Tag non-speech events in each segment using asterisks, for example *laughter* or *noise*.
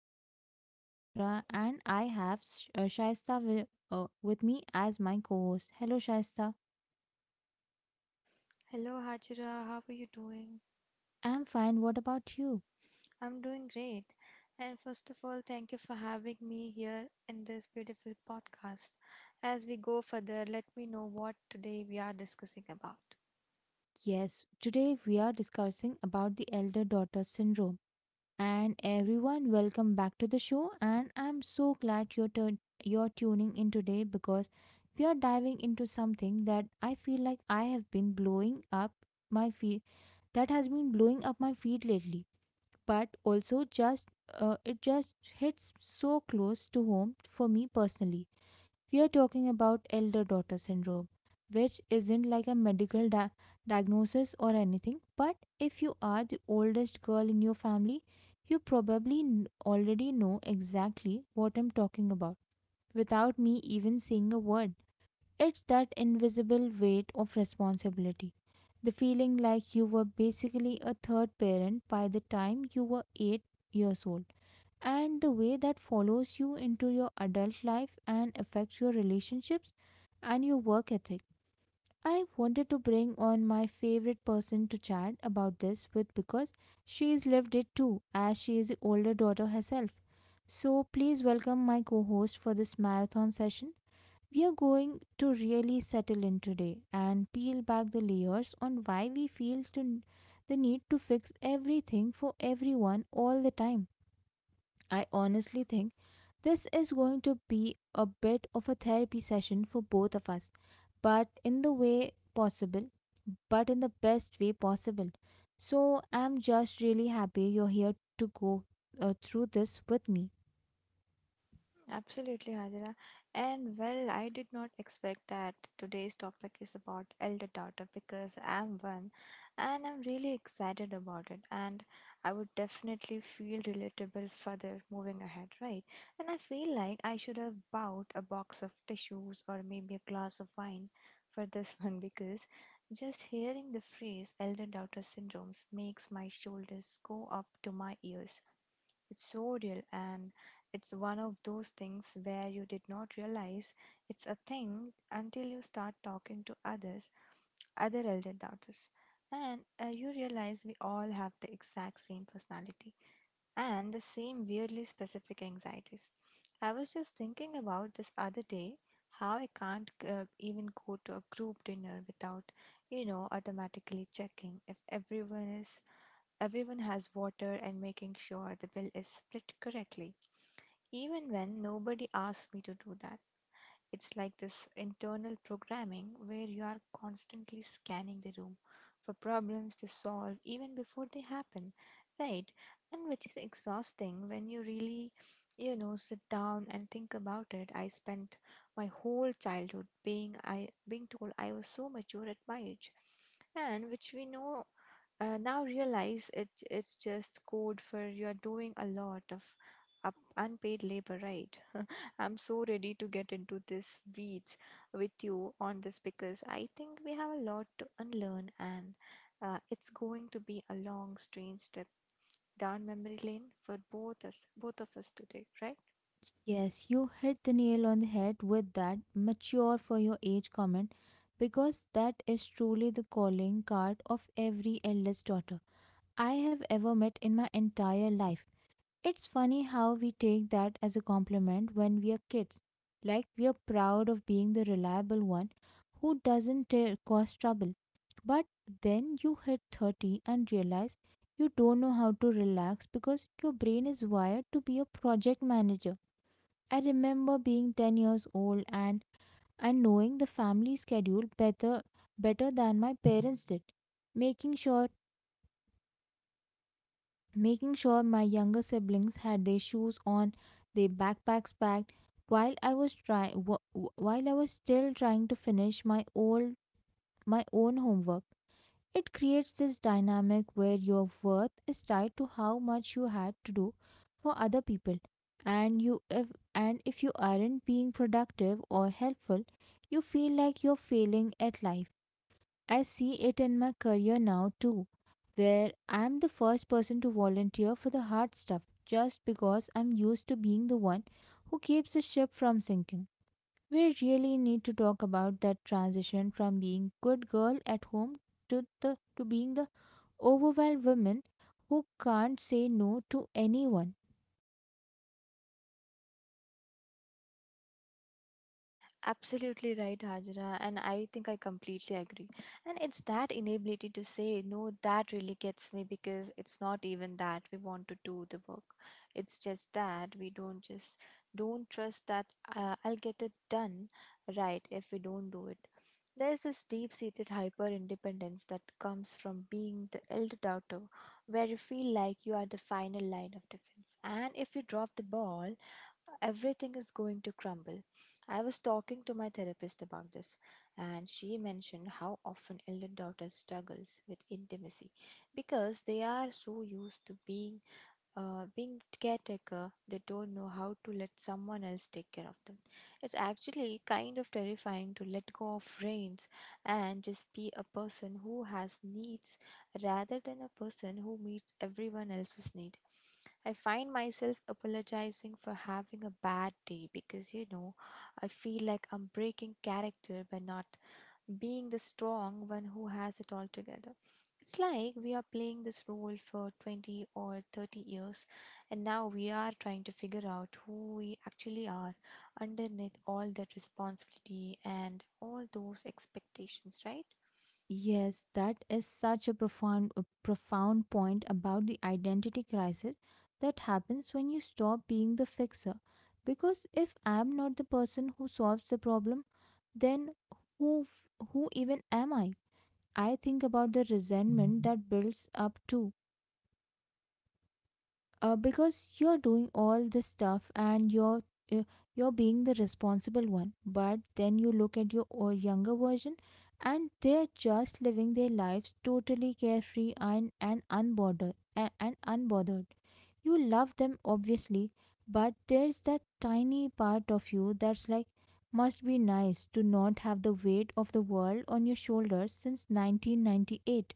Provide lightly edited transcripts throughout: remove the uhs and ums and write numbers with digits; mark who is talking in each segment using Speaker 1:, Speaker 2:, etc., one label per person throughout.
Speaker 1: your host for today, Hajra, and I have Shaista with me as my co host. Hello, Shaista.
Speaker 2: Hello, Hajira. How are you doing?
Speaker 1: I'm fine. What about you?
Speaker 2: I'm doing great. And first of all, thank you for having me here in this beautiful podcast. As we go further, let me know what today we are discussing about.
Speaker 1: Yes, today we are discussing about the elder daughter syndrome. And everyone, welcome back to the show. And I'm so glad you're tuning in today because we are diving into something that I feel like I have been blowing up my feet, that has been blowing up my feet lately but also just it just hits so close to home for me personally. We are talking about elder daughter syndrome, which isn't like a medical diagnosis or anything, but if you are the oldest girl in your family, you probably already know exactly what I'm talking about without me even saying a word. It's that invisible weight of responsibility. The feeling like you were basically a third parent by the time you were 8 years old, and the way that follows you into your adult life and affects your relationships and your work ethic. I wanted to bring on my favorite person to chat about this with because she's lived it too, as she is the older daughter herself. So please welcome my co host for this marathon session. We are going to really settle in today and peel back the layers on why we feel to the need to fix everything for everyone all the time. I honestly think this is going to be a bit of a therapy session for both of us, but in the way possible, but in the best way possible. So I'm just really happy you're here to go through this with me.
Speaker 2: Absolutely, Hajra. And well, I did not expect that today's topic is about elder daughter because I'm one, and I'm really excited about it. And I would definitely feel relatable further moving ahead, right? And I feel like I should have bought a box of tissues or maybe a glass of wine for this *laughs* one because just hearing the phrase elder daughter syndromes makes my shoulders go up to my ears. It's so real, and it's one of those things where you did not realize it's a thing until you start talking to others, other elder daughters. And you realize we all have the exact same personality and the same weirdly specific anxieties. I was just thinking about this other day how I can't even go to a group dinner without, you know, automatically checking if everyone has water and making sure the bill is split correctly even when nobody asks me to do that. It's like this internal programming where you are constantly scanning the room for problems to solve even before they happen, right? And which is exhausting when you really, you know, sit down and think about it. I spent my whole childhood being told I was so mature at my age, and which we know now realize it's just code for you're doing a lot of up unpaid labor, right. *laughs* I'm so ready to get into this weeds with you on this because I think we have a lot to unlearn, and it's going to be a long strange trip down memory lane for both of us today, right?
Speaker 1: Yes, you hit the nail on the head with that mature for your age comment, because that is truly the calling card of every eldest daughter I have ever met in my entire life. It's funny how we take that as a compliment when we are kids. Like we are proud of being the reliable one who doesn't ta- cause trouble. But then you hit 30 and realize you don't know how to relax because your brain is wired to be a project manager. I remember being 10 years old, and knowing the family schedule better than my parents did, making sure making sure my younger siblings had their shoes on, their backpacks packed, while I was while I was still trying to finish my own homework. It creates this dynamic where your worth is tied to how much you had to do for other people. And you if and if you aren't being productive or helpful, you feel like you're failing at life. I see it in my career now too, where I'm the first person to volunteer for the hard stuff just because I'm used to being the one who keeps the ship from sinking. We really need to talk about that transition from being good girl at home to being the overwhelmed woman who can't say no to anyone.
Speaker 2: Absolutely right, Hajra, and I think I completely agree. And it's that inability to say no that really gets me, because it's not even that we want to do the work. It's just that we don't trust that I'll get it done right if we don't do it. There's this deep-seated hyper-independence that comes from being the elder daughter, where you feel like you are the final line of defense, and if you drop the ball, everything is going to crumble. I was talking to my therapist about this, and she mentioned how often elder daughters struggles with intimacy because they are so used to being the caretaker. They don't know how to let someone else take care of them. It's actually kind of terrifying to let go of reins and just be a person who has needs rather than a person who meets everyone else's need. I find myself apologizing for having a bad day because, you know, I feel like I'm breaking character by not being the strong one who has it all together. It's like we are playing this role for 20 or 30 years, and now we are trying to figure out who we actually are underneath all that responsibility and all those expectations, right?
Speaker 1: Yes, that is such a profound point about the identity crisis that happens when you stop being the fixer. Because if I'm not the person who solves the problem, then who even am I? I think about the resentment that builds up too, because you're doing all this stuff and uh, you're being the responsible one, but then you look at your younger version and they're just living their lives totally carefree and and unbothered. You love them obviously, but there's that tiny part of you that's like, must be nice to not have the weight of the world on your shoulders since 1998.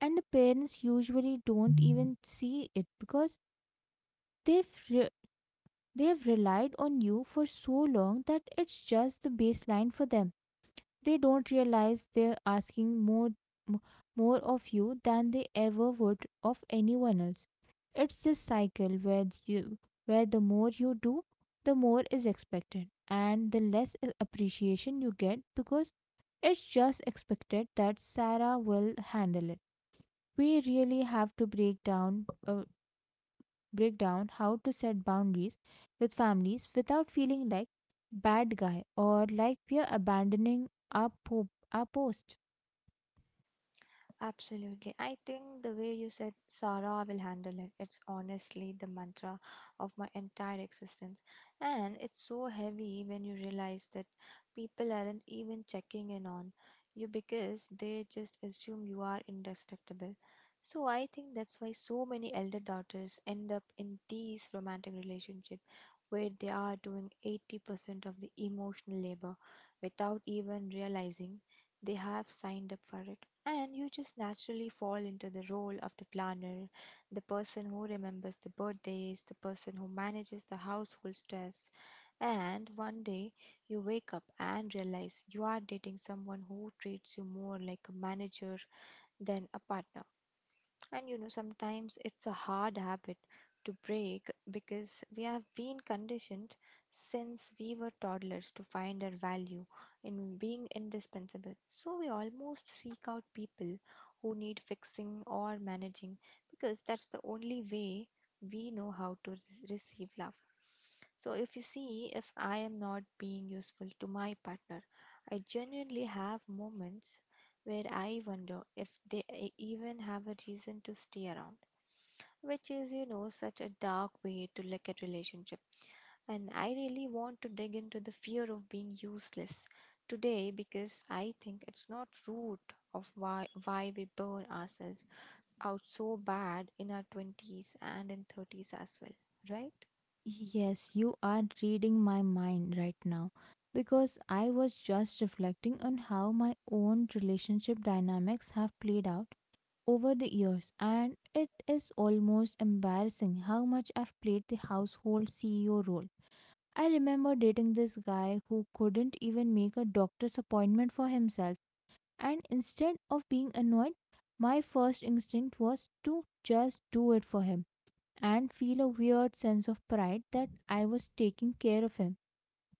Speaker 1: And the parents usually don't even see it because they've re- they've relied on you for so long that it's just the baseline for them. They don't realize they're asking m- more of you than they ever would of anyone else. It's this cycle where you where the more you do, the more is expected, and the less appreciation you get because it's just expected that Sarah will handle it. We really have to break down how to set boundaries with families without feeling like bad guy, or like we are abandoning our post.
Speaker 2: Absolutely. I think the way you said Sarah will handle it, it's honestly the mantra of my entire existence. And it's so heavy when you realize that people aren't even checking in on you because they just assume you are indestructible. So I think that's why so many elder daughters end up in these romantic relationships where they are doing 80% of the emotional labor without even realizing they have signed up for it. And you just naturally fall into the role of the planner, the person who remembers the birthdays, the person who manages the household stress. And one day you wake up and realize you are dating someone who treats you more like a manager than a partner. And you know, sometimes it's a hard habit to break because we have been conditioned since we were toddlers to find our value in being indispensable. So we almost seek out people who need fixing or managing because that's the only way we know how to receive love. So if you see, if I am not being useful to my partner, I genuinely have moments where I wonder if they even have a reason to stay around, which is, you know, such a dark way to look at relationship. And I really want to dig into the fear of being useless today because I think it's not root of why we burn ourselves out so bad in our 20s and in 30s as well, right?
Speaker 1: Yes, you are reading my mind right now, because I was just reflecting on how my own relationship dynamics have played out over the years, and it is almost embarrassing how much I've played the household CEO role. I remember dating this guy who couldn't even make a doctor's appointment for himself. And instead of being annoyed, my first instinct was to just do it for him and feel a weird sense of pride that I was taking care of him.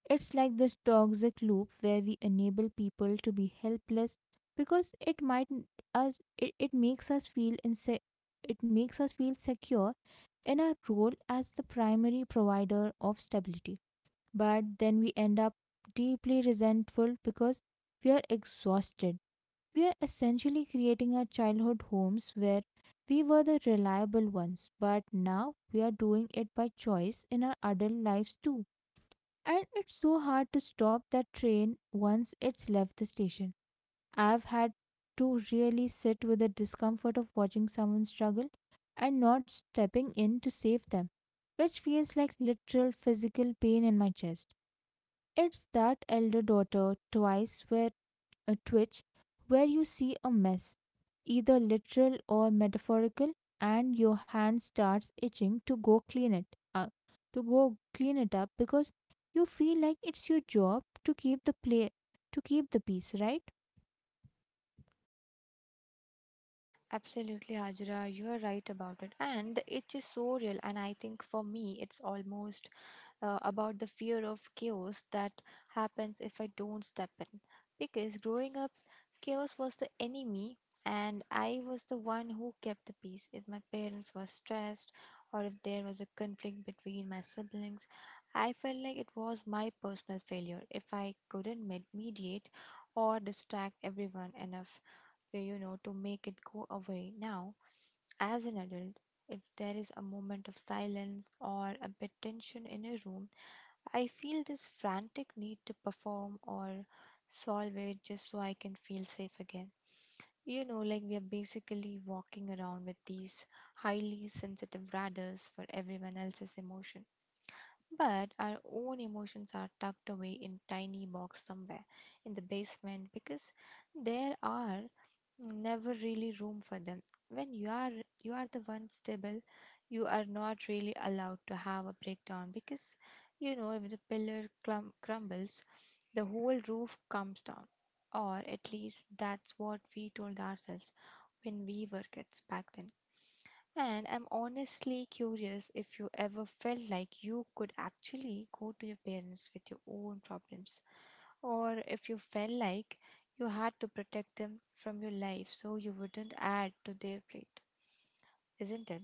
Speaker 1: It's like this toxic loop where we enable people to be helpless because it might n- us it, it makes us feel inse- it makes us feel secure in our role as the primary provider of stability. But then we end up deeply resentful because we are exhausted. We are essentially creating our childhood homes where we were the reliable ones, but now we are doing it by choice in our adult lives too. And it's so hard to stop that train once it's left the station. I've had to really sit with the discomfort of watching someone struggle and not stepping in to save them, which feels like literal physical pain in my chest. It's that elder daughter twice where a twitch where you see a mess, either literal or metaphorical, and your hand starts itching to go clean it up, because you feel like it's your job to keep the peace, right?
Speaker 2: Absolutely, Hajra, you are right about it. And the itch is so real. And I think for me, it's almost about the fear of chaos that happens if I don't step in. Because growing up, chaos was the enemy, and I was the one who kept the peace. If my parents were stressed, or if there was a conflict between my siblings, I felt like it was my personal failure if I couldn't mediate or distract everyone enough, you know, to make it go away. Now, as an adult, if there is a moment of silence or a bit tension in a room, I feel this frantic need to perform or solve it just so I can feel safe again. You know, like we are basically walking around with these highly sensitive bladders for everyone else's emotion. But our own emotions are tucked away in tiny box somewhere in the basement because there are never really room for them when you are the one stable. You are not really allowed to have a breakdown because, you know, if the pillar crumbles, the whole roof comes down. Or at least that's what we told ourselves when we were kids back then. And I'm honestly curious if you ever felt like you could actually go to your parents with your own problems, or if you felt like you had to protect them from your life so you wouldn't add to their plate, isn't it?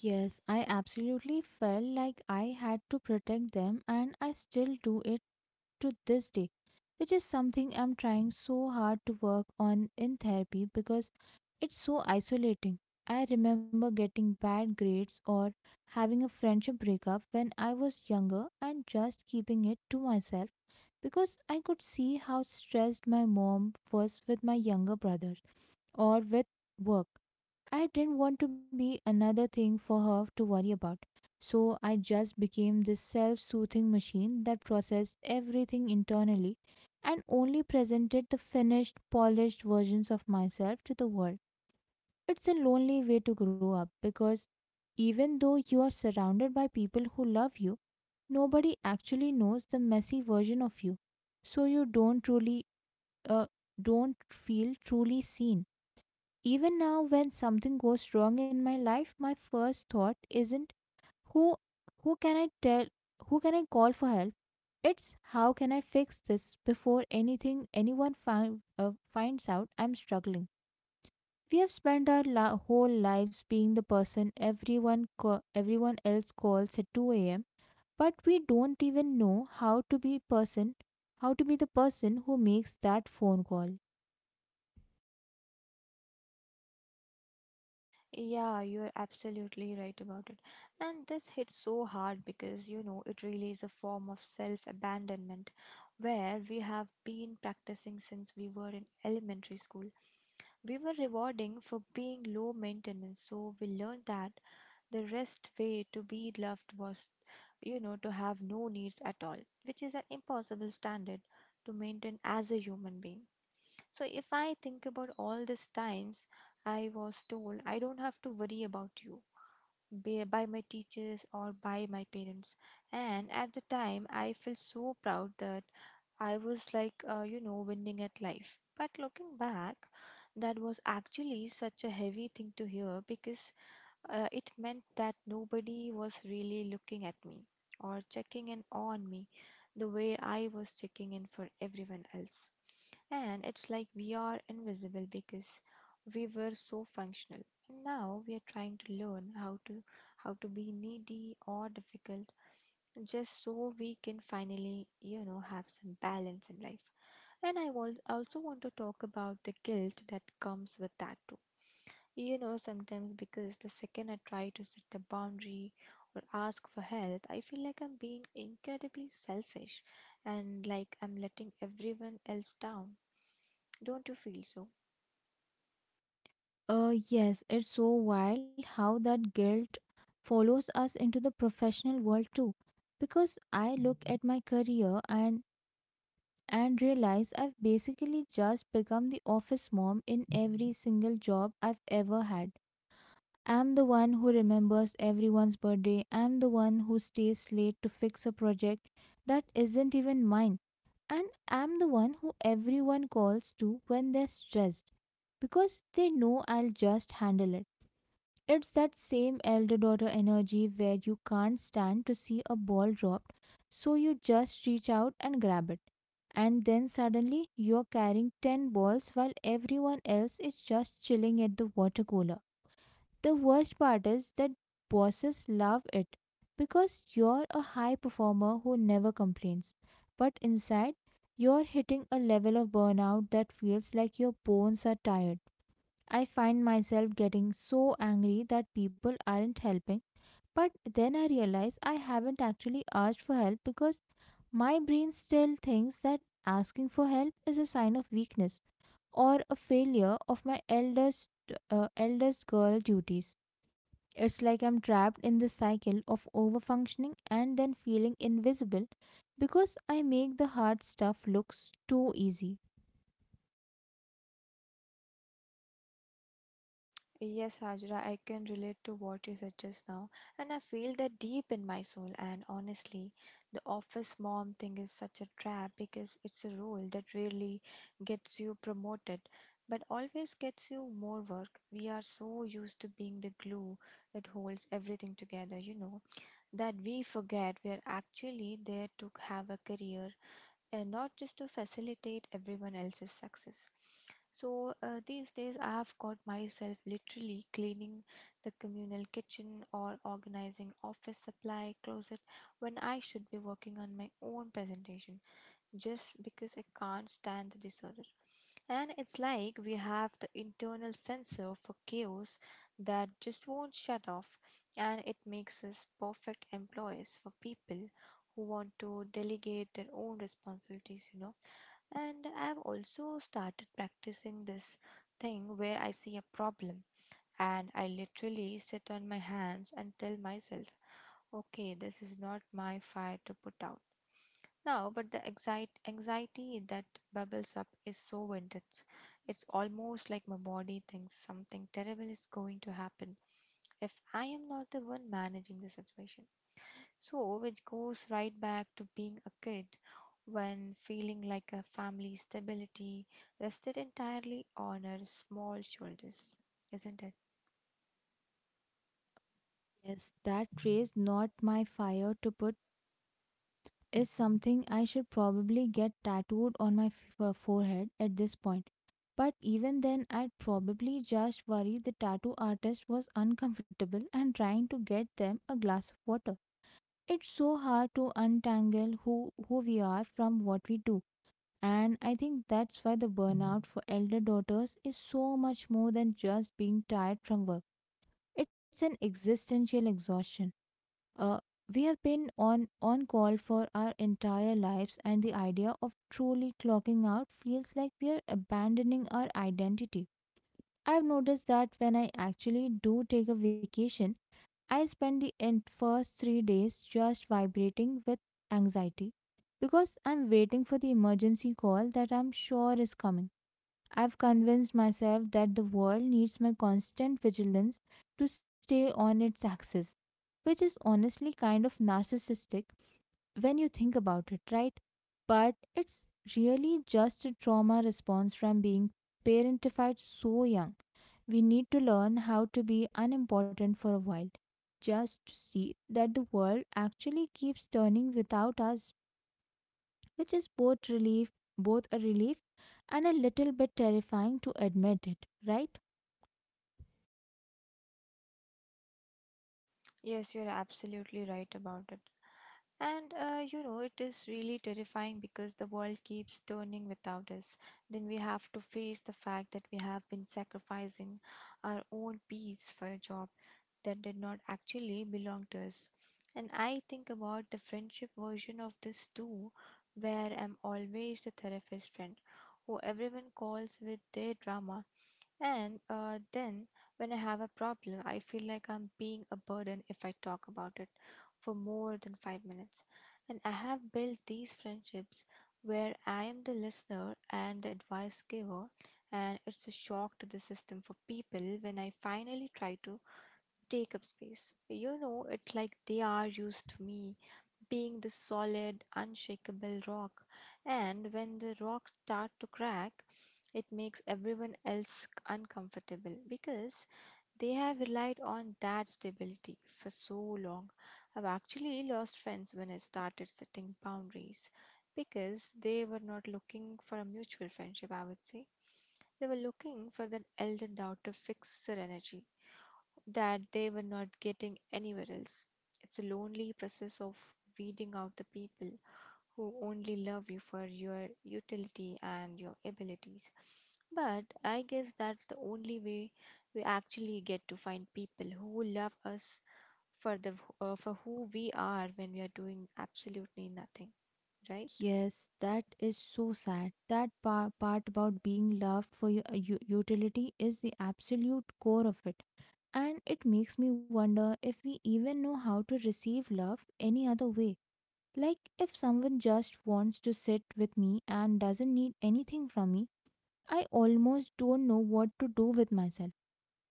Speaker 1: Yes, I absolutely felt like I had to protect them, and I still do it to this day, which is something I'm trying so hard to work on in therapy because it's so isolating. I remember getting bad grades or having a friendship breakup when I was younger and just keeping it to myself, because I could see how stressed my mom was with my younger brothers or with work. I didn't want to be another thing for her to worry about. So I just became this self soothing machine that processed everything internally and only presented the finished, polished versions of myself to the world. It's a lonely way to grow up because even though you are surrounded by people who love you, nobody actually knows the messy version of you. So you uh, don't feel truly seen. Even now, when something goes wrong in my life, my first thought isn't, who who can I tell who can I call for help? It's, how can I fix this before finds out I'm struggling. We have spent whole lives being the person everyone else calls at 2 a.m., but we don't even know how to be the person who makes that phone call.
Speaker 2: Yeah, you're absolutely right about it. And this hits so hard because, you know, it really is a form of self abandonment where we have been practicing since we were in elementary school. We were rewarding for being low maintenance, so we learned that the rest way to be loved was, you know, to have no needs at all, which is an impossible standard to maintain as a human being. So if I think about all these times I was told I don't have to worry about you, by my teachers or by my parents. And at the time, I felt so proud that I was like, you know, winning at life. But looking back, that was actually such a heavy thing to hear because it meant that nobody was really looking at me or checking in on me the way I was checking in for everyone else. And it's like we are invisible because we were so functional. And now we are trying to learn how to be needy or difficult just so we can finally, you know, have some balance in life. And I also want to talk about the guilt that comes with that too, you know, sometimes because the second I try to set a boundary or ask for help, I feel like I'm being incredibly selfish and like I'm letting everyone else down. Don't you feel so?
Speaker 1: Yes, it's so wild how that guilt follows us into the professional world too. Because I look at my career and realize I've basically just become the office mom in every single job I've ever had. I'm the one who remembers everyone's birthday. I'm the one who stays late to fix a project that isn't even mine. And I'm the one who everyone calls to when they're stressed because they know I'll just handle it. It's that same elder daughter energy where you can't stand to see a ball dropped, so you just reach out and grab it. And then suddenly you're carrying 10 balls while everyone else is just chilling at the water cooler. The worst part is that bosses love it because you're a high performer who never complains. But inside, you're hitting a level of burnout that feels like your bones are tired. I find myself getting so angry that people aren't helping, but then I realize I haven't actually asked for help, because my brain still thinks that asking for help is a sign of weakness or a failure of my eldest girl duties. It's like I'm trapped in the cycle of overfunctioning and then feeling invisible because I make the hard stuff looks too easy.
Speaker 2: Yes, Hajra, I can relate to what you said just now, and I feel that deep in my soul. And honestly, the office mom thing is such a trap because it's a role that rarely gets you promoted, but always gets you more work. We are so used to being the glue that holds everything together, you know, that we forget we are actually there to have a career and not just to facilitate everyone else's success. So these days, I have got myself literally cleaning the communal kitchen or organizing office supply closet when I should be working on my own presentation just because I can't stand the disorder. And it's like we have the internal sensor for chaos that just won't shut off, and it makes us perfect employees for people who want to delegate their own responsibilities, you know. And I've also started practicing this thing where I see a problem and I literally sit on my hands and tell myself, okay, this is not my fire to put out now. But the anxiety that bubbles up is so intense. It's almost like my body thinks something terrible is going to happen if I am not the one managing the situation. So, which goes right back to being a kid when feeling like a family stability rested entirely on our small shoulders, isn't it?
Speaker 1: Yes, that raised not my fire to put is something I should probably get tattooed on my forehead at this point. But even then, I'd probably just worry the tattoo artist was uncomfortable and trying to get them a glass of water. It's so hard to untangle who we are from what we do. And I think that's why the burnout for elder daughters is so much more than just being tired from work. It's an existential exhaustion. Uh, we have been on call for our entire lives, and the idea of truly clocking out feels like we are abandoning our identity. I've noticed that when I actually do take a vacation, I spend the first 3 days just vibrating with anxiety because I'm waiting for the emergency call that I'm sure is coming. I've convinced myself that the world needs my constant vigilance to stay on its axis, which is honestly kind of narcissistic when you think about it, right? But it's really just a trauma response from being parentified so young. We need to learn how to be unimportant for a while, just to see that the world actually keeps turning without us, which is both relief, both a relief and a little bit terrifying to admit it, right?
Speaker 2: Yes, you're absolutely right about it. And You know, it is really terrifying because the world keeps turning without us. Then we have to face the fact that we have been sacrificing our own peace for a job that did not actually belong to us. And I think about the friendship version of this too, where I'm always the therapist friend who everyone calls with their drama. And then when I have a problem, I feel like I'm being a burden if I talk about it for more than 5 minutes. And I have built these friendships where I am the listener and the advice giver, and it's a shock to the system for people when I finally try to take up space. You know, it's like they are used to me being the solid, unshakable rock. And when the rocks start to crack, it makes everyone else uncomfortable because they have relied on that stability for so long. I've actually lost friends when I started setting boundaries because they were not looking for a mutual friendship, I would say. They were looking for that elder daughter fixer energy that they were not getting anywhere else. It's a lonely process of weeding out the people who only love you for your utility and your abilities. But I guess that's the only way we actually get to find people who love us for the for who we are when we are doing absolutely nothing, right?
Speaker 1: Yes, that is so sad. That part about being loved for your utility is the absolute core of it. And it makes me wonder if we even know how to receive love any other way. Like, if someone just wants to sit with me and doesn't need anything from me, I almost don't know what to do with myself.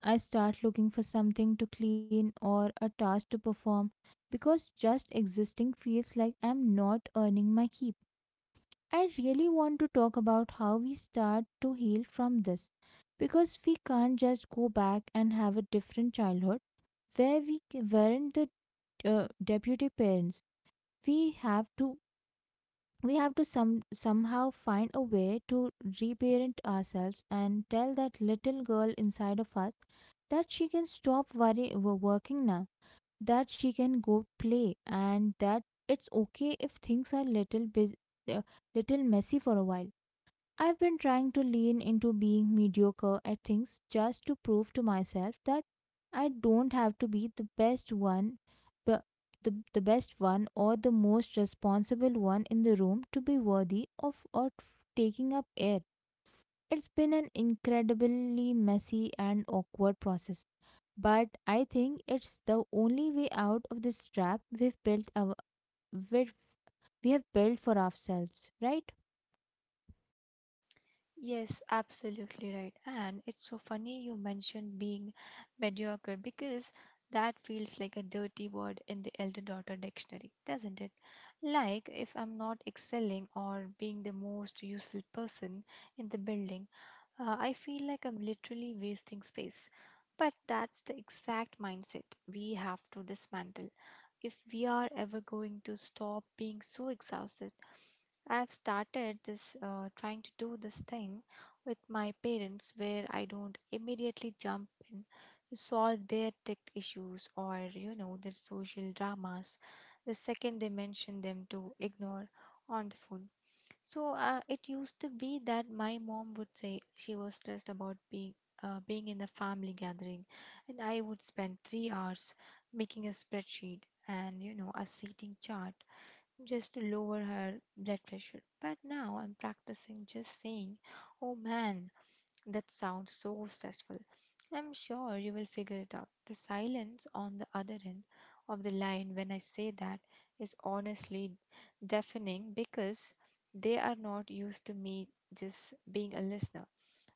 Speaker 1: I start looking for something to clean or a task to perform because just existing feels like I'm not earning my keep. I really want to talk about how we start to heal from this, because we can't just go back and have a different childhood where we weren't the deputy parents. We have to we have to somehow find a way to reparent ourselves and tell that little girl inside of us that she can stop working now, that she can go play, and that it's okay if things are little uh, little messy for a while. I've been trying to lean into being mediocre at things just to prove to myself that I don't have to be the best one, but the best one or the most responsible one in the room to be worthy of or taking up air. It's been an incredibly messy and awkward process, but I think it's the only way out of this trap we've, we have built for ourselves, right?
Speaker 2: Yes, absolutely right. And it's so funny you mentioned being mediocre because that feels like a dirty word in the elder daughter dictionary, doesn't it? Like if I'm not excelling or being the most useful person in the building, I feel like I'm literally wasting space. But that's the exact mindset we have to dismantle if we are ever going to stop being so exhausted. I've started this, trying to do this thing with my parents where I don't immediately jump in to solve their tech issues or, you know, their social dramas the second they mention them to ignore on the phone. So, it used to be that my mom would say she was stressed about being being in a family gathering, and I would spend 3 hours making a spreadsheet and, you know, a seating chart just to lower her blood pressure. But now I'm practicing just saying, "Oh man, that sounds so stressful. I'm sure you will figure it out." The silence on the other end of the line when I say that is honestly deafening because they are not used to me just being a listener.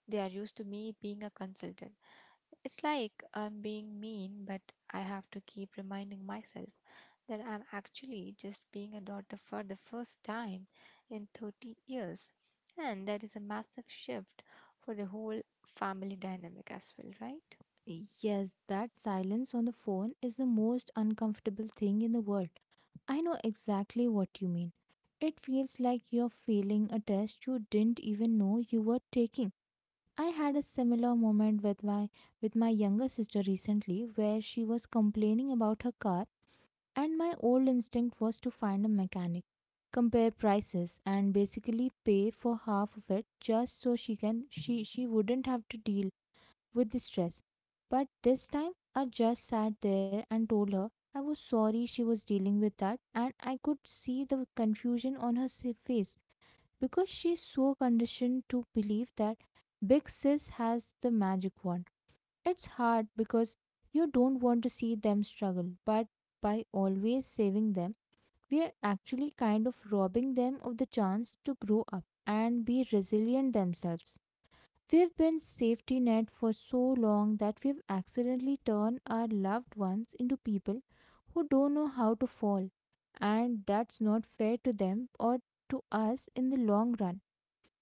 Speaker 2: They are used to me being a consultant. It's like I'm being mean, but I have to keep reminding myself that I'm actually just being a daughter for the first time in 30 years. And that is a massive shift for the whole family dynamic as well, right?
Speaker 1: Yes, that silence on the phone is the most uncomfortable thing in the world. I know exactly what you mean. It feels like you're failing a test you didn't even know you were taking. I had a similar moment with my younger sister recently where she was complaining about her car and my old instinct was to find a mechanic, compare prices, and basically pay for half of it just so she can she wouldn't have to deal with distress. But this time, I just sat there and told her I was sorry she was dealing with that, and I could see the confusion on her face because she's so conditioned to believe that Big Sis has the magic wand. It's hard because you don't want to see them struggle, but by always saving them, we are actually kind of robbing them of the chance to grow up and be resilient themselves. We've been safety net for so long that we've accidentally turned our loved ones into people who don't know how to fall. And that's not fair to them or to us in the long run.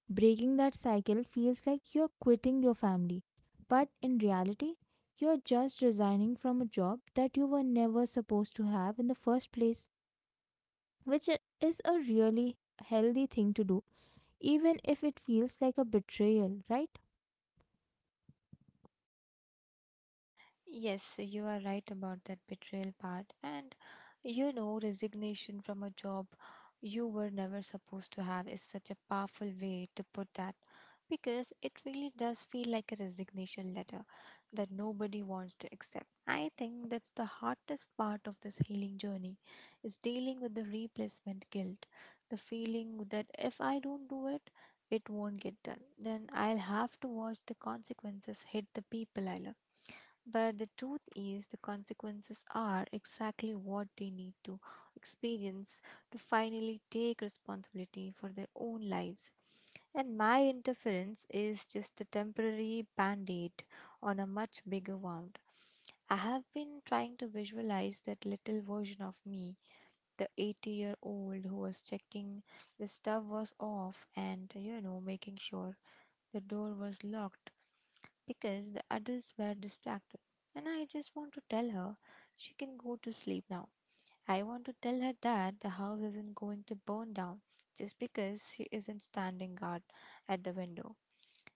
Speaker 1: Breaking that cycle feels like you're quitting your family, but in reality, you're just resigning from a job that you were never supposed to have in the first place, which is a really healthy thing to do, even if it feels like a betrayal, right?
Speaker 2: Yes, so you are right about that betrayal part. And, you know, resignation from a job you were never supposed to have is such a powerful way to put that because it really does feel like a resignation letter that nobody wants to accept. I think that's the hardest part of this healing journey is dealing with the replacement guilt, the feeling that if I don't do it, it won't get done. Then I'll have to watch the consequences hit the people I love, but the truth is, the consequences are exactly what they need to experience to finally take responsibility for their own lives. And my interference is just a temporary band aid on a much bigger wound. I have been trying to visualize that little version of me, the 80-year-old who was checking the stuff was off and, you know, making sure the door was locked because the adults were distracted, and I just want to tell her she can go to sleep now. I want to tell her that the house isn't going to burn down just because she isn't standing guard at the window.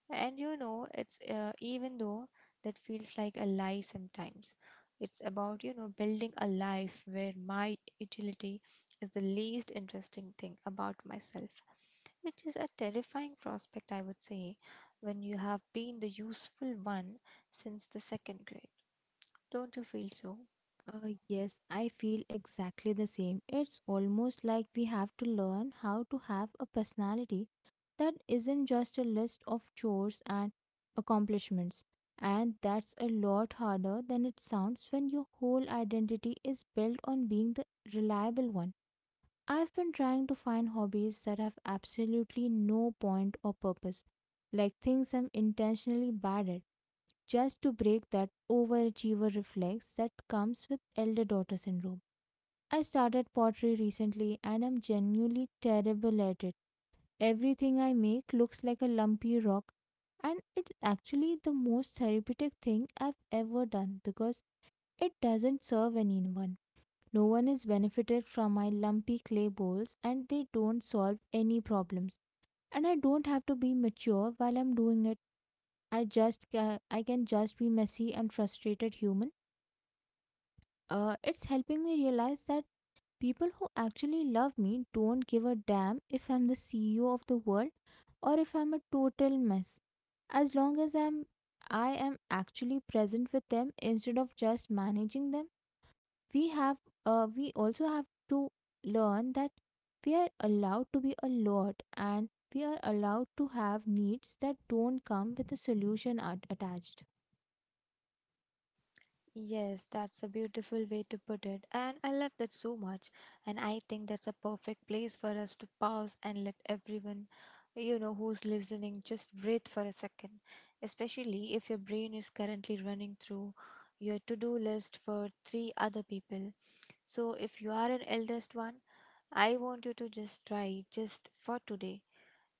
Speaker 2: And, you know, it's, even though that feels like a lie sometimes. It's about, you know, building a life where my utility is the least interesting thing about myself, which is a terrifying prospect, I would say, when you have been the useful one since the second grade. Don't you feel so?
Speaker 1: Yes, I feel exactly the same. It's almost like we have to learn how to have a personality that isn't just a list of chores and accomplishments. And that's a lot harder than it sounds when your whole identity is built on being the reliable one. I've been trying to find hobbies that have absolutely no point or purpose, like things I'm intentionally bad at just to break that overachiever reflex that comes with elder daughter syndrome. I started pottery recently, and I'm genuinely terrible at it. Everything I make looks like a lumpy rock, and it's actually the most therapeutic thing I've ever done because it doesn't serve anyone. No one is benefited from my lumpy clay bowls, and they don't solve any problems. And I don't have to be mature while I'm doing it. I just I can just be messy and frustrated human. It's helping me realize that people who actually love me don't give a damn if I'm the CEO of the world or if I'm a total mess. As long as I am actually present with them instead of just managing them. We have we also have to learn that we are allowed to be a lot, and we are allowed to have needs that don't come with a solution attached.
Speaker 2: Yes, that's a beautiful way to put it, and I love that so much. And I think that's a perfect place for us to pause and let everyone, you know, who's listening just breathe for a second, especially if your brain is currently running through your to do list for three other people. So, if you are an eldest one, I want you to just try, just for today,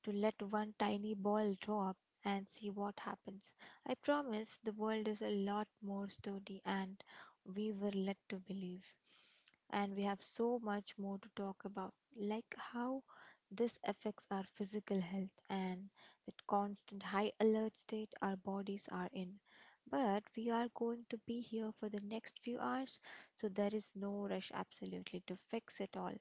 Speaker 2: to let one tiny ball drop and see what happens. I promise the world is a lot more sturdy and we were led to believe. And we have so much more to talk about, like how this affects our physical health and that constant high alert state our bodies are in. But we are going to be here for the next few hours, so there is no rush absolutely to fix it all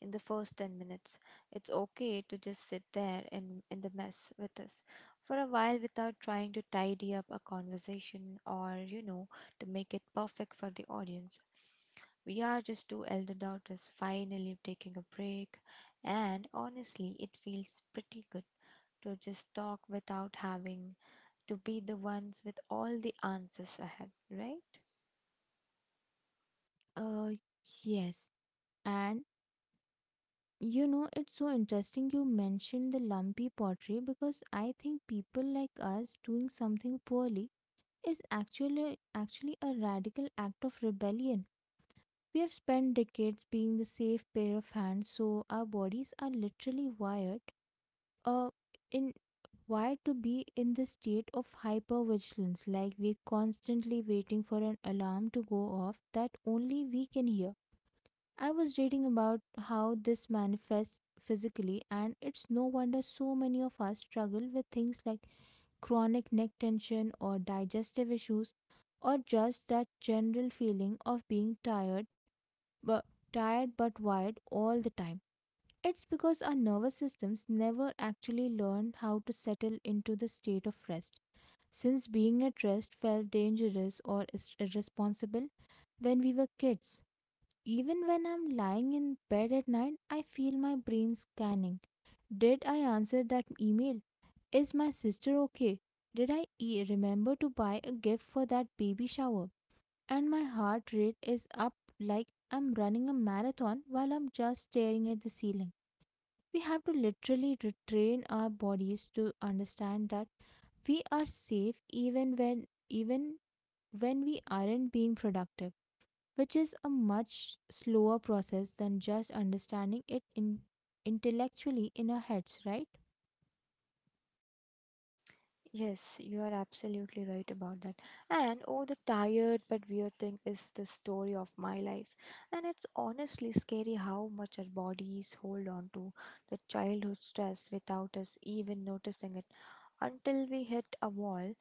Speaker 2: in the first 10 minutes. It's okay to just sit there in the mess with us for a while without trying to tidy up a conversation or, you know, to make it perfect for the audience. We are just two elder daughters finally taking a break, and honestly, it feels pretty good to just talk without having to be the ones with all the answers ahead, right?
Speaker 1: Uh, yes. And you know, it's so interesting you mentioned the lumpy pottery, because I think people like us doing something poorly is actually a radical act of rebellion. We have spent decades being the safe pair of hands, so our bodies are literally wired uh, in Why to be in this state of hypervigilance, like we're constantly waiting for an alarm to go off that only we can hear. I was reading about how this manifests physically, and it's no wonder so many of us struggle with things like chronic neck tension or digestive issues, or just that general feeling of being but tired but wired all the time. It's because our nervous systems never actually learned how to settle into the state of rest. Since being at rest felt dangerous or irresponsible when we were kids, even when I'm lying in bed at night, I feel my brain scanning. Did I answer that email? Is my sister okay? Did I remember to buy a gift for that baby shower? And my heart rate is up like I'm running a marathon while I'm just staring at the ceiling. We have to literally retrain our bodies to understand that we are safe even even when we aren't being productive, which is a much slower process than just understanding it intellectually in our heads, right?
Speaker 2: Yes, you are absolutely right about that. And oh, the tired but weird thing is the story of my life. And it's honestly scary how much our bodies hold on to the childhood stress without us even noticing it until we hit a wall.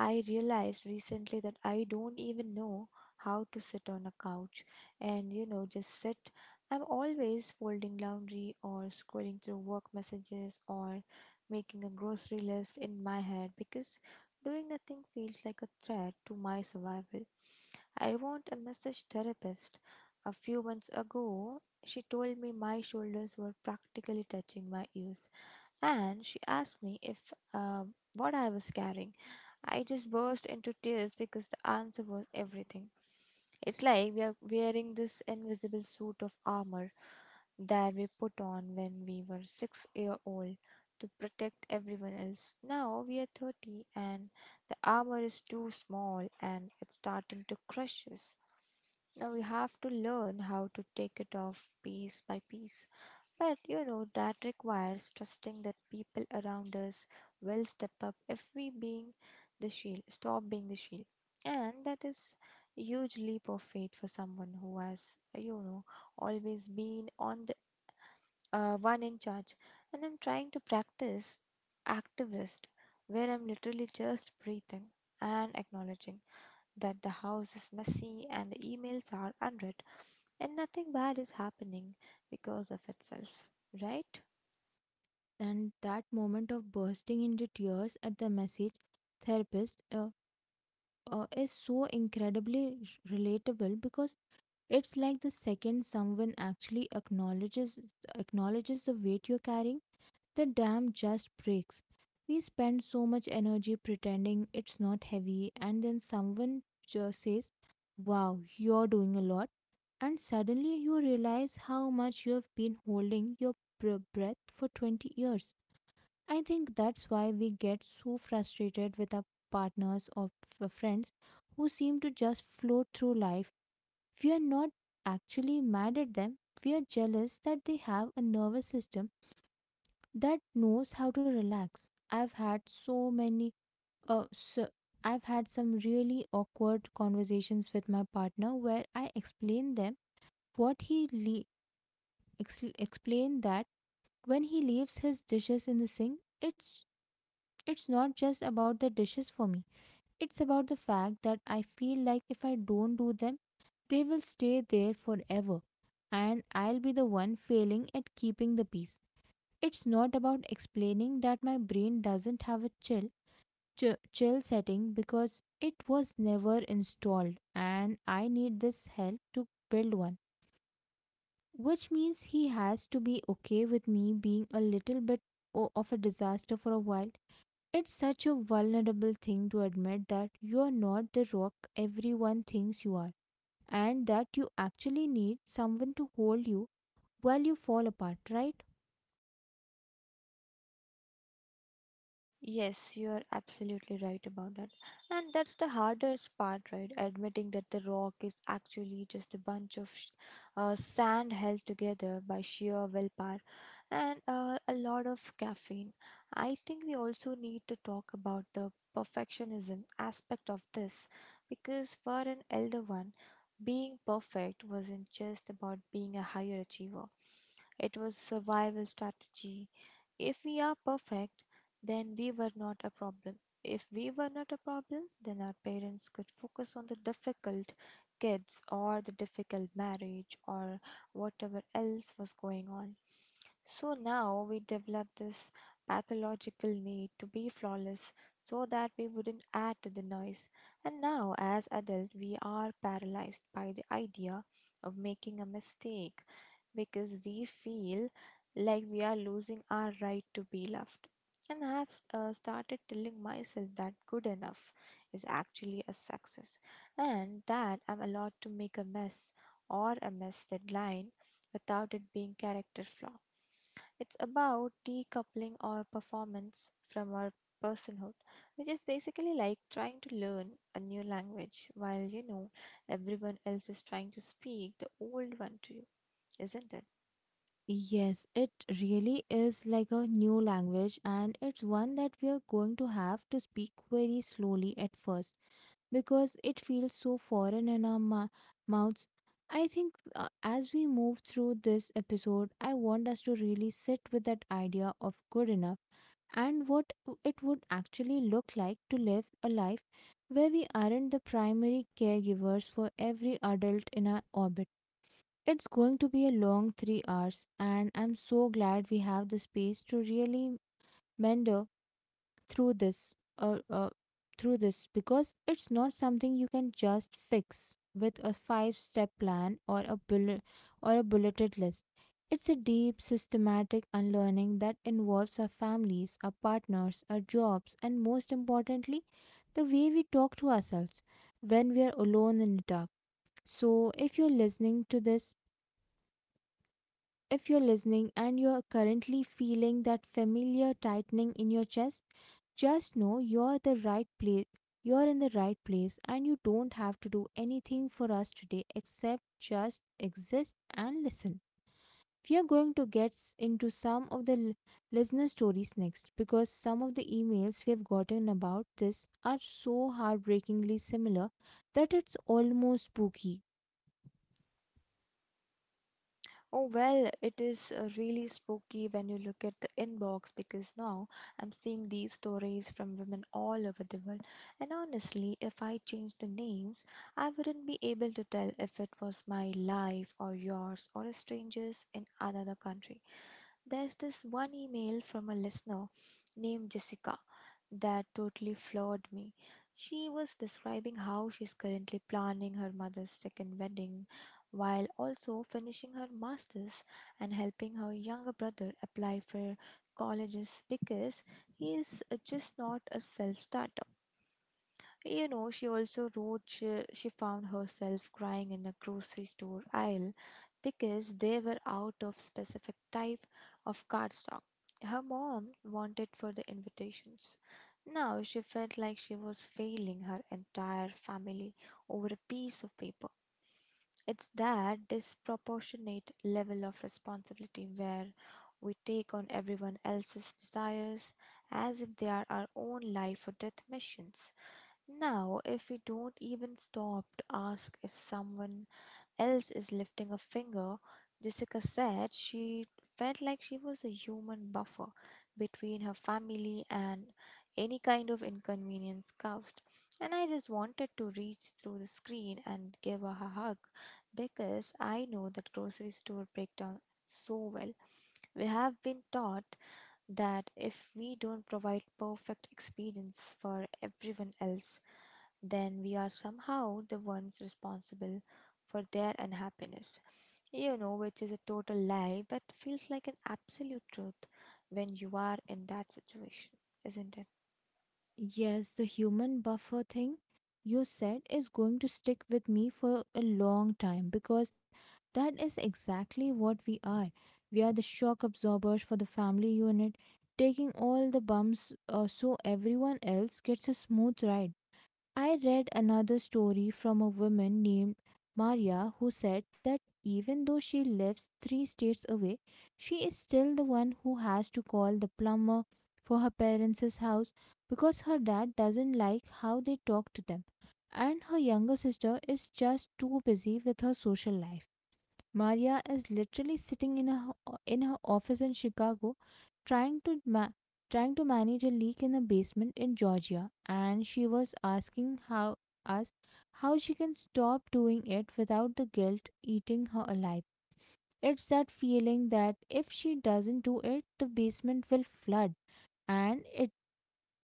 Speaker 2: I realized recently that I don't even know how to sit on a couch and, you know, just sit. I'm always folding laundry or scrolling through work messages or making a grocery list in my head because doing nothing feels like a threat to my survival. I want a massage therapist. A few months ago, she told me my shoulders were practically touching my ears and she asked me if what I was carrying. I just burst into tears because the answer was everything. It's like we are wearing this invisible suit of armor that we put on when we were 6 year old to protect everyone else. Now we are 30 and the armor is too small and it's starting to crush us. Now we have to learn how to take it off piece by piece. But, you know, that requires trusting that people around us will step up if we being the shield, stop being the shield. And that is a huge leap of faith for someone who has, you know, always been on the one in charge, and I'm trying to practice activist, where I'm literally just breathing and acknowledging that the house is messy and the emails are unread, and nothing bad is happening because of itself, right?
Speaker 1: And that moment of bursting into tears at the message therapist is so incredibly relatable because it's like the second someone actually acknowledges the weight you're carrying. The dam just breaks. We spend so much energy pretending it's not heavy, and then someone just says, "Wow, you're doing a lot." And suddenly you realize how much you have been holding your breath for 20 years. I think that's why we get so frustrated with our partners or friends who seem to just float through life. We are not actually mad at them, we are jealous that they have a nervous system that knows how to relax. I've had so many so I've had some really awkward conversations with my partner where I explain them what he le- ex- explain that when he leaves his dishes in the sink, it's not just about the dishes for me. It's about the fact that I feel like if I don't do them, they will stay there forever, and I'll be the one failing at keeping the peace. It's not about explaining that my brain doesn't have a chill setting because it was never installed and I need this help to build one, which means he has to be okay with me being a little bit of a disaster for a while. It's such a vulnerable thing to admit that you are not the rock everyone thinks you are and that you actually need someone to hold you while you fall apart, right?
Speaker 2: Yes, you are absolutely right about that. And that's the hardest part, right? Admitting that the rock is actually just a bunch of sand held together by sheer willpower and a lot of caffeine. I think we also need to talk about the perfectionism aspect of this because for an elder one, being perfect wasn't just about being a higher achiever, it was survival strategy. If we are perfect, then we were not a problem. If we were not a problem, then our parents could focus on the difficult kids or the difficult marriage or whatever else was going on. So now we develop this pathological need to be flawless so that we wouldn't add to the noise. And now, as adults, we are paralyzed by the idea of making a mistake because we feel like we are losing our right to be loved. And I have started telling myself that good enough is actually a success and that I'm allowed to make a mess or a mess deadline without it being character flaw. It's about decoupling our performance from our personhood, which is basically like trying to learn a new language while, you know, everyone else is trying to speak the old one to you, isn't it?
Speaker 1: Yes, it really is like a new language, and it's one that we are going to have to speak very slowly at first because it feels so foreign in our mouths. I think as we move through this episode, I want us to really sit with that idea of good enough and what it would actually look like to live a life where we aren't the primary caregivers for every adult in our orbit. It's going to be a long 3 hours, and I'm so glad we have the space to really meander through through this, because it's not something you can just fix with a five-step plan or a bulleted list. It's a deep, systematic unlearning that involves our families, our partners, our jobs, and most importantly, the way we talk to ourselves when we are alone in the dark. So, if you're listening to this If you're listening and you're currently feeling that familiar tightening in your chest, just know you're the right place. You're in the right place and you don't have to do anything for us today except just exist and listen. We are going to get into some of the listener stories next because some of the emails we have gotten about this are so heartbreakingly similar that it's almost spooky.
Speaker 2: Oh, well, it is really spooky when you look at the inbox because now I'm seeing these stories from women all over the world. And honestly, if I changed the names, I wouldn't be able to tell if it was my life or yours or a stranger's in another country. There's this one email from a listener named Jessica that totally floored me. She was describing how she's currently planning her mother's second wedding while also finishing her master's and helping her younger brother apply for colleges because he is just not a self starter. She also wrote she found herself crying in a grocery store aisle because they were out of specific type of cardstock her mom wanted for the invitations. Now she felt like she was failing her entire family over a piece of paper. It's that disproportionate level of responsibility where we take on everyone else's desires as if they are our own life or death missions. Now, if we don't even stop to ask if someone else is lifting a finger, Jessica said she felt like she was a human buffer between her family and any kind of inconvenience caused. And I just wanted to reach through the screen and give her a hug because I know that grocery store breakdown so well. We have been taught that if we don't provide perfect experience for everyone else, then we are somehow the ones responsible for their unhappiness. Which is a total lie, but feels like an absolute truth when you are in that situation, isn't it?
Speaker 1: Yes, the human buffer thing you said is going to stick with me for a long time because that is exactly what we are. We are the shock absorbers for the family unit, taking all the bumps so everyone else gets a smooth ride. I read another story from a woman named Maria who said that even though she lives three states away, she is still the one who has to call the plumber for her parents' house because her dad doesn't like how they talk to them, and her younger sister is just too busy with her social life. Maria is literally sitting in her office in Chicago, trying to ma- trying to manage a leak in a basement in Georgia, and she was asking us how she can stop doing it without the guilt eating her alive. It's that feeling that if she doesn't do it, the basement will flood, and it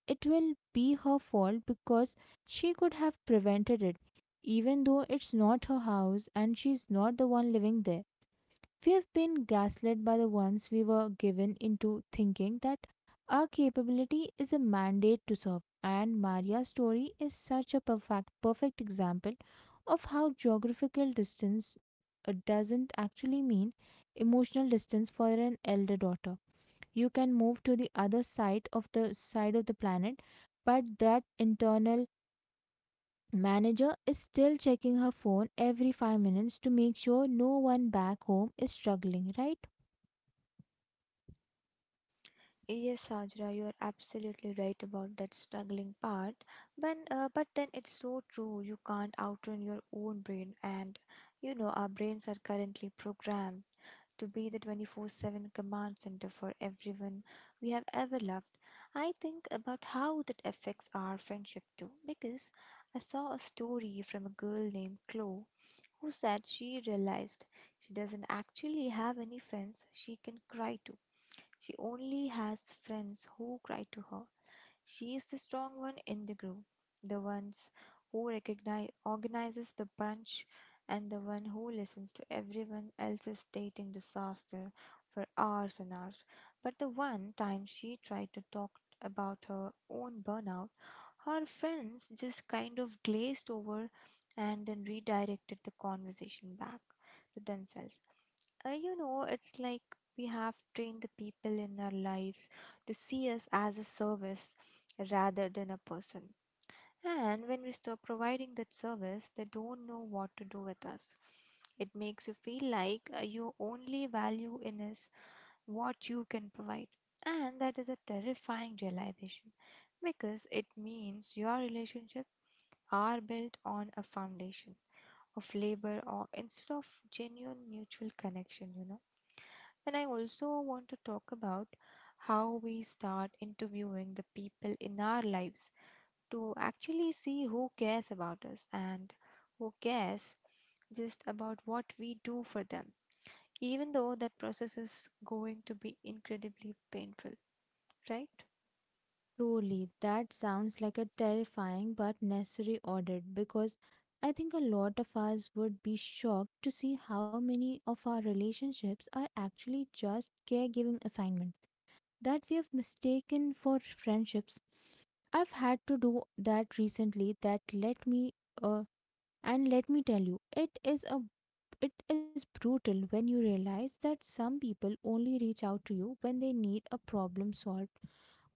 Speaker 1: it will be her fault because she could have prevented it, even though it's not her house and she's not the one living there. We have been gaslit by the ones we were given into thinking that our capability is a mandate to serve. And Maria's story is such a perfect, perfect example of how geographical distance doesn't actually mean emotional distance for an elder daughter. You can move to the other side of the planet, but that internal manager is still checking her phone every 5 minutes to make sure no one back home is struggling, right?
Speaker 2: Yes, Sajra, you are absolutely right about that struggling part. But then it's so true. You can't outrun your own brain, and you know our brains are currently programmed to be the 24/7 command center for everyone we have ever loved. I think about how that affects our friendship too, because I saw a story from a girl named Chloe who said she realized she doesn't actually have any friends she can cry to. She only has friends who cry to her. She is the strong one in the group, the ones who recognize organizes the brunch and the one who listens to everyone else's dating disaster for hours and hours. But the one time she tried to talk about her own burnout, her friends just kind of glazed over and then redirected the conversation back to themselves. It's like we have trained the people in our lives to see us as a service rather than a person. And when we stop providing that service, they don't know what to do with us. It makes you feel like your only value in is what you can provide. And that is a terrifying realization because it means your relationships are built on a foundation of labor or instead of genuine mutual connection, you know. And I also want to talk about how we start interviewing the people in our lives to actually see who cares about us and who cares just about what we do for them, even though that process is going to be incredibly painful, right?
Speaker 1: Truly, that sounds like a terrifying but necessary audit, because I think a lot of us would be shocked to see how many of our relationships are actually just caregiving assignments that we have mistaken for friendships. I've had to do that recently, that let me uh, and let me tell you, it is brutal when you realize that some people only reach out to you when they need a problem solved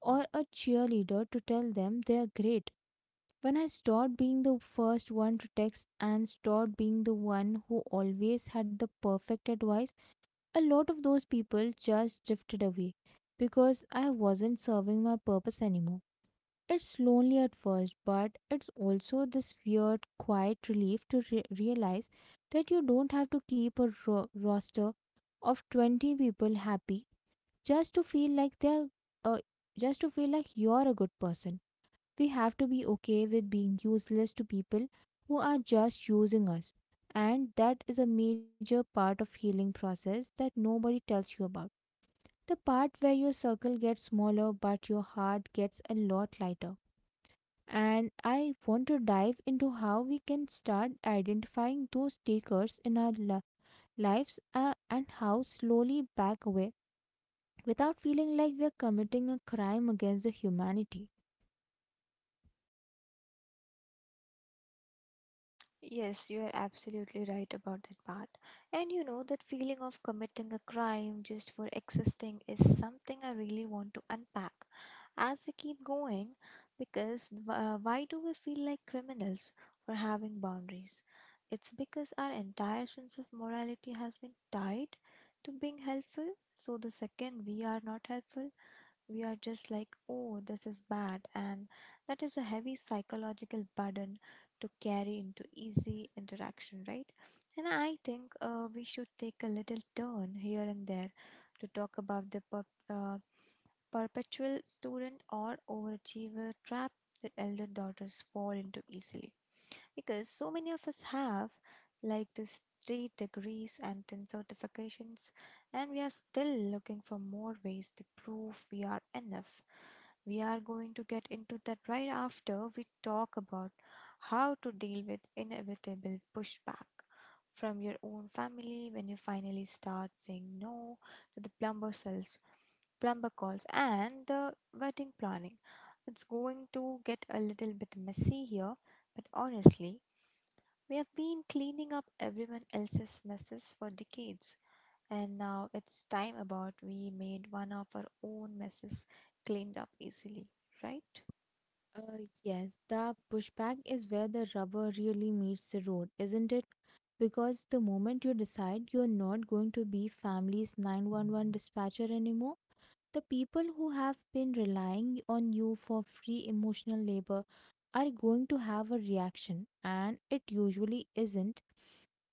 Speaker 1: or a cheerleader to tell them they're great. When I stopped being the first one to text and stopped being the one who always had the perfect advice, a lot of those people just drifted away because I wasn't serving my purpose anymore. It's lonely at first, but it's also this weird, quiet relief to realize that you don't have to keep a roster of 20 people happy just to feel like they're uh, just to feel like you're a good person. We have to be okay with being useless to people who are just using us. And that is a major part of healing process that nobody tells you about. The part where your circle gets smaller but your heart gets a lot lighter. And I want to dive into how we can start identifying those takers in our lives and how slowly back away without feeling like we're committing a crime against the humanity.
Speaker 2: Yes, you are absolutely right about that part. And you know, that feeling of committing a crime just for existing is something I really want to unpack as we keep going because why do we feel like criminals for having boundaries? It's because our entire sense of morality has been tied to being helpful. So the second we are not helpful, we are just like, oh, this is bad. And that is a heavy psychological burden to carry into easy interaction, right? And I think we should take a little turn here and there to talk about the uh, perpetual student or overachiever trap that elder daughters fall into easily. Because so many of us have, like these 3 degrees and 10 certifications, and we are still looking for more ways to prove we are enough. We are going to get into that right after we talk about how to deal with inevitable pushback from your own family when you finally start saying no to the plumber calls, and the wedding planning. It's going to get a little bit messy here, but honestly, we have been cleaning up everyone else's messes for decades, and now it's time about we made one of our own messes cleaned up easily, right?
Speaker 1: Yes, the pushback is where the rubber really meets the road, isn't it? Because the moment you decide you're not going to be family's 911 dispatcher anymore, the people who have been relying on you for free emotional labor are going to have a reaction, and it usually isn't,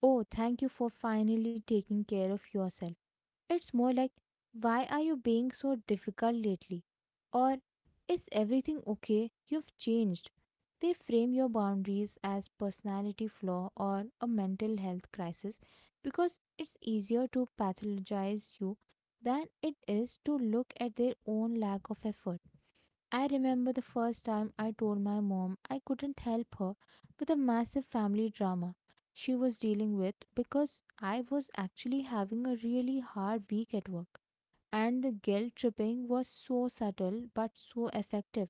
Speaker 1: "Oh, thank you for finally taking care of yourself." It's more like, "Why are you being so difficult lately?" Or, "Is everything okay? You've changed." They frame your boundaries as personality flaw or a mental health crisis because it's easier to pathologize you than it is to look at their own lack of effort. I remember the first time I told my mom I couldn't help her with a massive family drama she was dealing with because I was actually having a really hard week at work. And the guilt tripping was so subtle but so effective.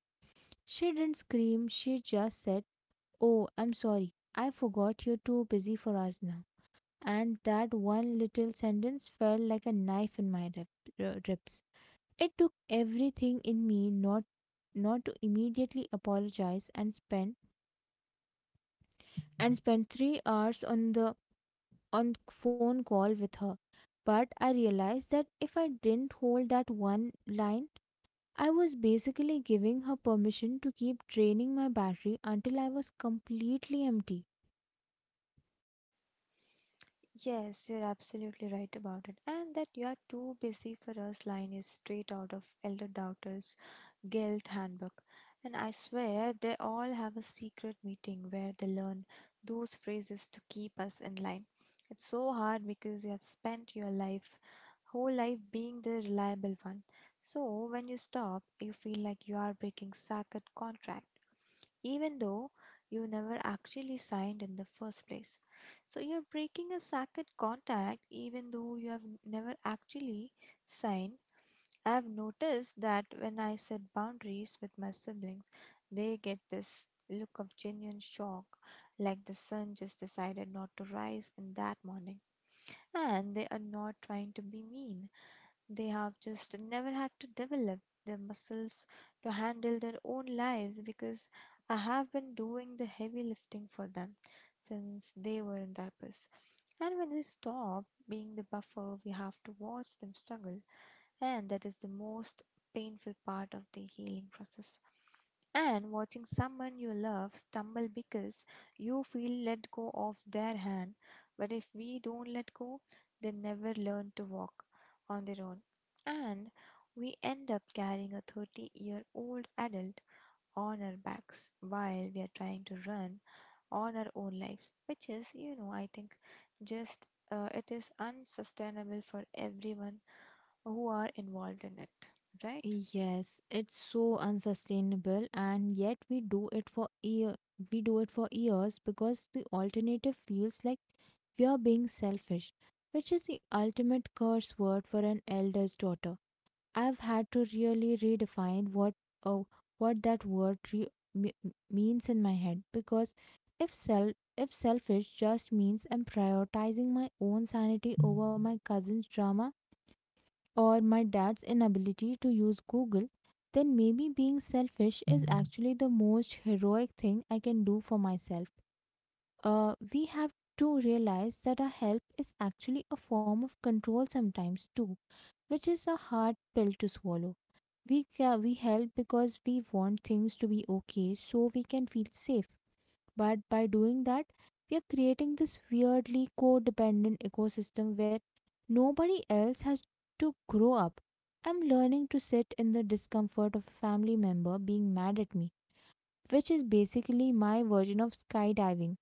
Speaker 1: She didn't scream, she just said, "Oh, I'm sorry. I forgot you're too busy for us now." And that one little sentence felt like a knife in my ribs. It took everything in me not to immediately apologize and spend 3 hours on the on phone call with her. But I realized that if I didn't hold that one line, I was basically giving her permission to keep draining my battery until I was completely empty.
Speaker 2: Yes, you're absolutely right about it. And that you are too busy for us line is straight out of Elder Doubter's Guild Handbook. And I swear they all have a secret meeting where they learn those phrases to keep us in line. It's so hard because you have spent your whole life being the reliable one. So when you stop, you feel like you are breaking sacred contract, even though you never actually signed in the first place. So you're breaking a sacred contract even though you have never actually signed. I have noticed that when I set boundaries with my siblings, they get this look of genuine shock, like the sun just decided not to rise in that morning. And they are not trying to be mean, they have just never had to develop their muscles to handle their own lives because I have been doing the heavy lifting for them since they were in diapers. And when we stop being the buffer, we have to watch them struggle, and that is the most painful part of the healing process. And watching someone you love stumble because you feel let go of their hand, but if we don't let go, they never learn to walk on their own. And we end up carrying a 30-year-old year old adult on our backs while we are trying to run on our own lives, which is, you know, I think just it is unsustainable for everyone who are involved in it, right?
Speaker 1: Yes, it's so unsustainable, and yet we do it for year. We do it for years because the alternative feels like we are being selfish, which is the ultimate curse word for an elder's daughter. I've had to really redefine what oh, what that word re- me- means in my head, because if self if selfish just means I'm prioritizing my own sanity over my cousin's drama or my dad's inability to use Google, then maybe being selfish is actually the most heroic thing I can do for myself. We have to realize that our help is actually a form of control sometimes too, which is a hard pill to swallow. We help because we want things to be okay so we can feel safe. But by doing that, we are creating this weirdly codependent ecosystem where nobody else has to grow up. I'm learning to sit in the discomfort of a family member being mad at me, which is basically my version of skydiving.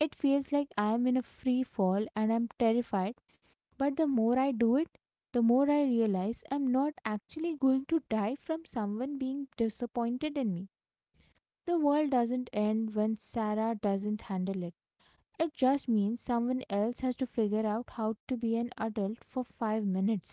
Speaker 1: It feels like I am in a free fall and I'm terrified, but the more I do it, the more I realize I'm not actually going to die from someone being disappointed in me. The world doesn't end when Sarah doesn't handle it. It just means someone else has to figure out how to be an adult for 5 minutes.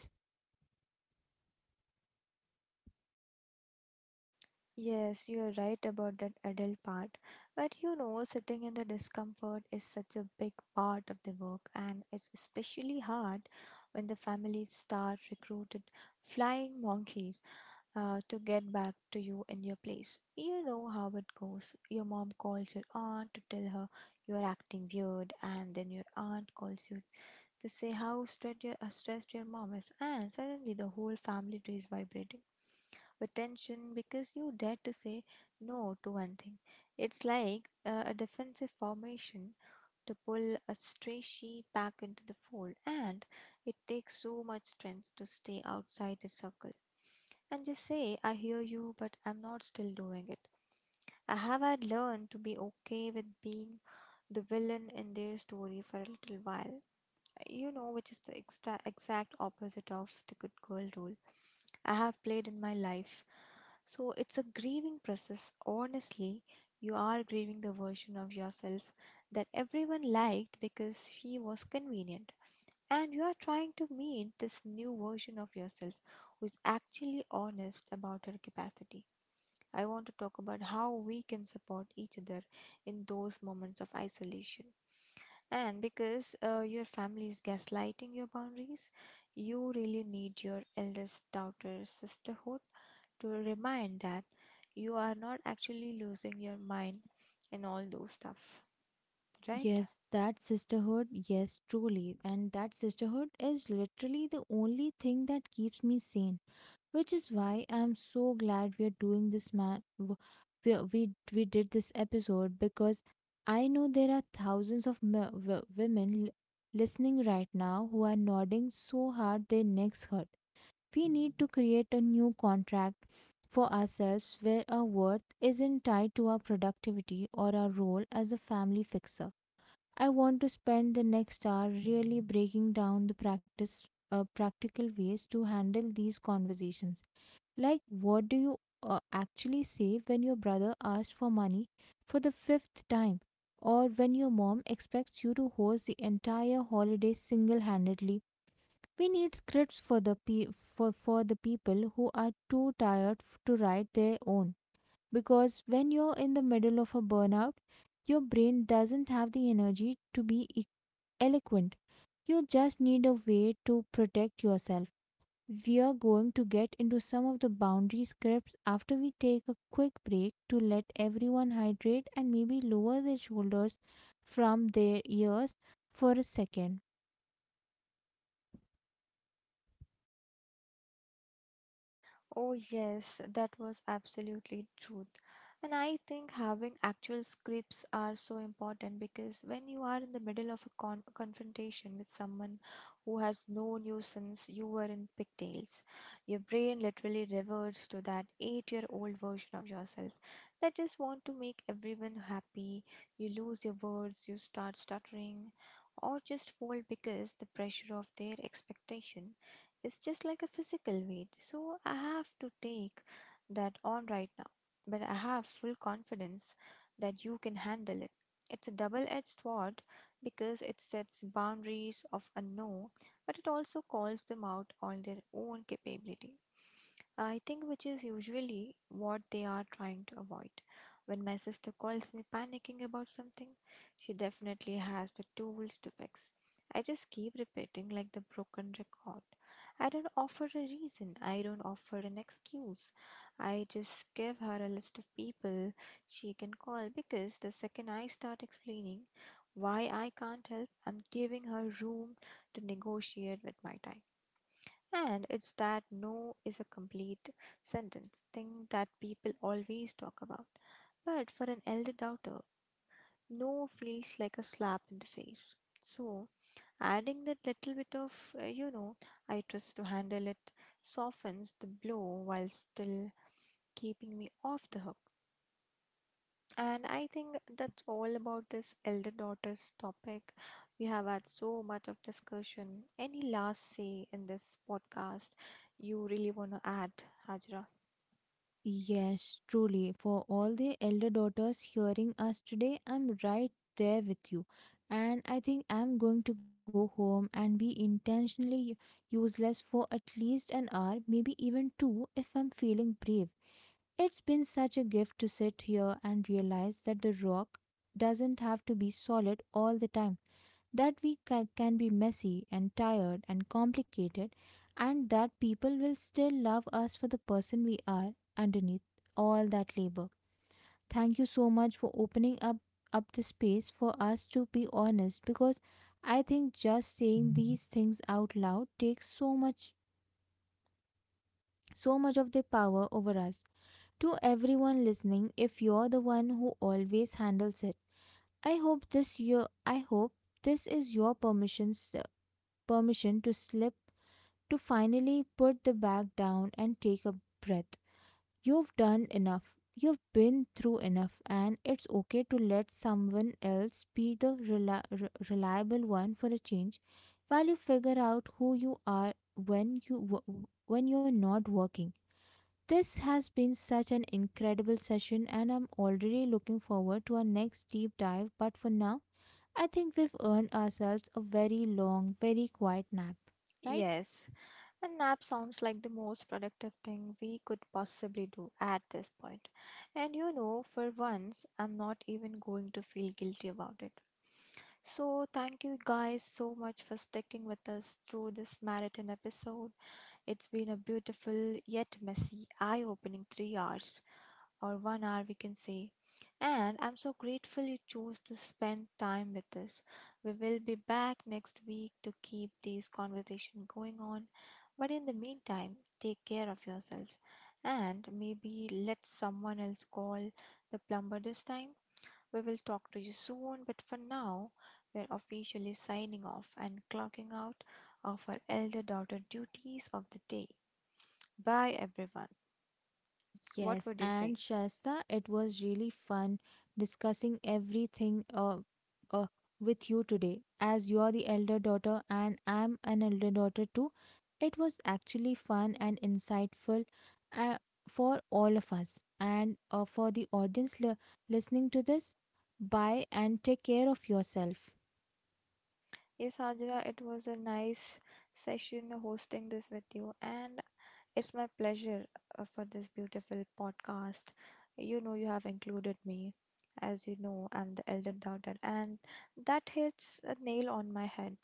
Speaker 2: Yes, you are right about that adult part. But you know, sitting in the discomfort is such a big part of the work, and it's especially hard when the families start recruited flying monkeys to get back to you in your place. You know how it goes. Your mom calls your aunt to tell her you're acting weird, and then your aunt calls you to say how stressed your mom is, and suddenly the whole family tree is vibrating with tension because you dare to say no to one thing. It's like a defensive formation to pull a stray sheep back into the fold, and it takes so much strength to stay outside the circle and just say, I hear you, but I'm not still doing it. I have had learned to be okay with being the villain in their story for a little while, you know, which is the exta exact opposite of the good girl role I have played in my life. So it's a grieving process. Honestly, you are grieving the version of yourself that everyone liked because she was convenient. And you are trying to meet this new version of yourself who is actually honest about her capacity. I want to talk about how we can support each other in those moments of isolation. And because your family is gaslighting your boundaries, you really need your eldest daughter sisterhood to remind that you are not actually losing your mind and all those stuff, right?
Speaker 1: Yes, that sisterhood, yes, truly. And that sisterhood is literally the only thing that keeps me sane, which is why I'm so glad we're doing this, man. We did this episode because I know there are thousands of w- women l- listening right now who are nodding so hard their necks hurt. We need to create a new contract for ourselves where our worth isn't tied to our productivity or our role as a family fixer. I want to spend the next hour really breaking down the practice practical ways to handle these conversations. Like, what do you actually say when your brother asks for money for the fifth time, or when your mom expects you to host the entire holiday single-handedly? We need scripts for the people who are too tired to write their own, because when you're in the middle of a burnout, your brain doesn't have the energy to be eloquent. You just need a way to protect yourself. We are going to get into some of the boundary scripts after we take a quick break to let everyone hydrate and maybe lower their shoulders from their ears for a second.
Speaker 2: Oh, yes, that was absolutely truth. And I think having actual scripts are so important because when you are in the middle of a confrontation with someone who has known you since you were in pigtails, your brain literally reverts to that 8-year old version of yourself that just want to make everyone happy. You lose your words, you start stuttering, or just fold because the pressure of their expectation it's just like a physical weight. So I have to take that on right now. But I have full confidence that you can handle it. It's a double edged sword because it sets boundaries of a no, but it also calls them out on their own capability. I think which is usually what they are trying to avoid. When my sister calls me panicking about something, she definitely has the tools to fix. I just keep repeating like the broken record. I don't offer a reason. I don't offer an excuse. I just give her a list of people she can call because the second I start explaining why I can't help, I'm giving her room to negotiate with my time. And it's that no is a complete sentence thing that people always talk about. But for an elder doubter, no feels like a slap in the face. So, adding that little bit of, uh, you know, I trust to handle it softens the blow while still keeping me off the hook. And I think that's all about this elder daughters topic. We have had so much of discussion. Any last say in this podcast you really want to add, Hajra?
Speaker 1: Yes, truly. For all the elder daughters hearing us today, I'm right there with you. And I think I'm going to go home and be intentionally useless for at least an hour, maybe even two, if I'm feeling brave. It's been such a gift to sit here and realize that the rock doesn't have to be solid all the time, that we can be messy and tired and complicated, and that people will still love us for the person we are underneath all that labor. Thank you so much for opening up the space for us to be honest, because I think just saying these things out loud takes so much of the power over us. To everyone listening, if you're the one who always handles it, I hope this is your permission to slip, to finally put the bag down and take a breath. You've done enough. You've been through enough, and it's okay to let someone else be the reliable one for a change while you figure out who you are when you're not working. This has been such an incredible session, and I'm already looking forward to our next deep dive. But for now, I think we've earned ourselves a very long, very quiet nap, right?
Speaker 2: Yes, a nap sounds like the most productive thing we could possibly do at this point. And you know, for once, I'm not even going to feel guilty about it. So, thank you guys so much for sticking with us through this marathon episode. It's been a beautiful yet messy, eye opening 3 hours, or one hour, we can say. And I'm so grateful you chose to spend time with us. We will be back next week to keep these conversation going on but in the meantime, take care of yourselves and maybe let someone else call the plumber this time. We will talk to you soon, but for now, we're officially signing off and clocking out of our elder daughter duties of the day. Bye, everyone. What
Speaker 1: Yes,
Speaker 2: would you say?
Speaker 1: and Shasta, it was really fun discussing everything uh, with you today. As you are the elder daughter and I'm an elder daughter too, it was actually fun and insightful uh, for all of us. And for the audience listening to this, bye and take care of yourself.
Speaker 2: Yes, Ajra, it was a nice session hosting this with you, and it's my pleasure for this beautiful podcast. You know, you have included me. As you know, I'm the elder daughter, and that hits a nail on my head.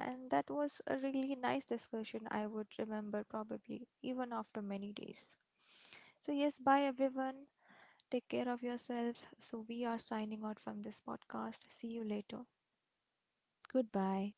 Speaker 2: And that was a really nice discussion I would remember probably even after many days. So, yes, bye everyone. Take care of yourself. So, we are signing out from this podcast. See you later.
Speaker 1: Goodbye.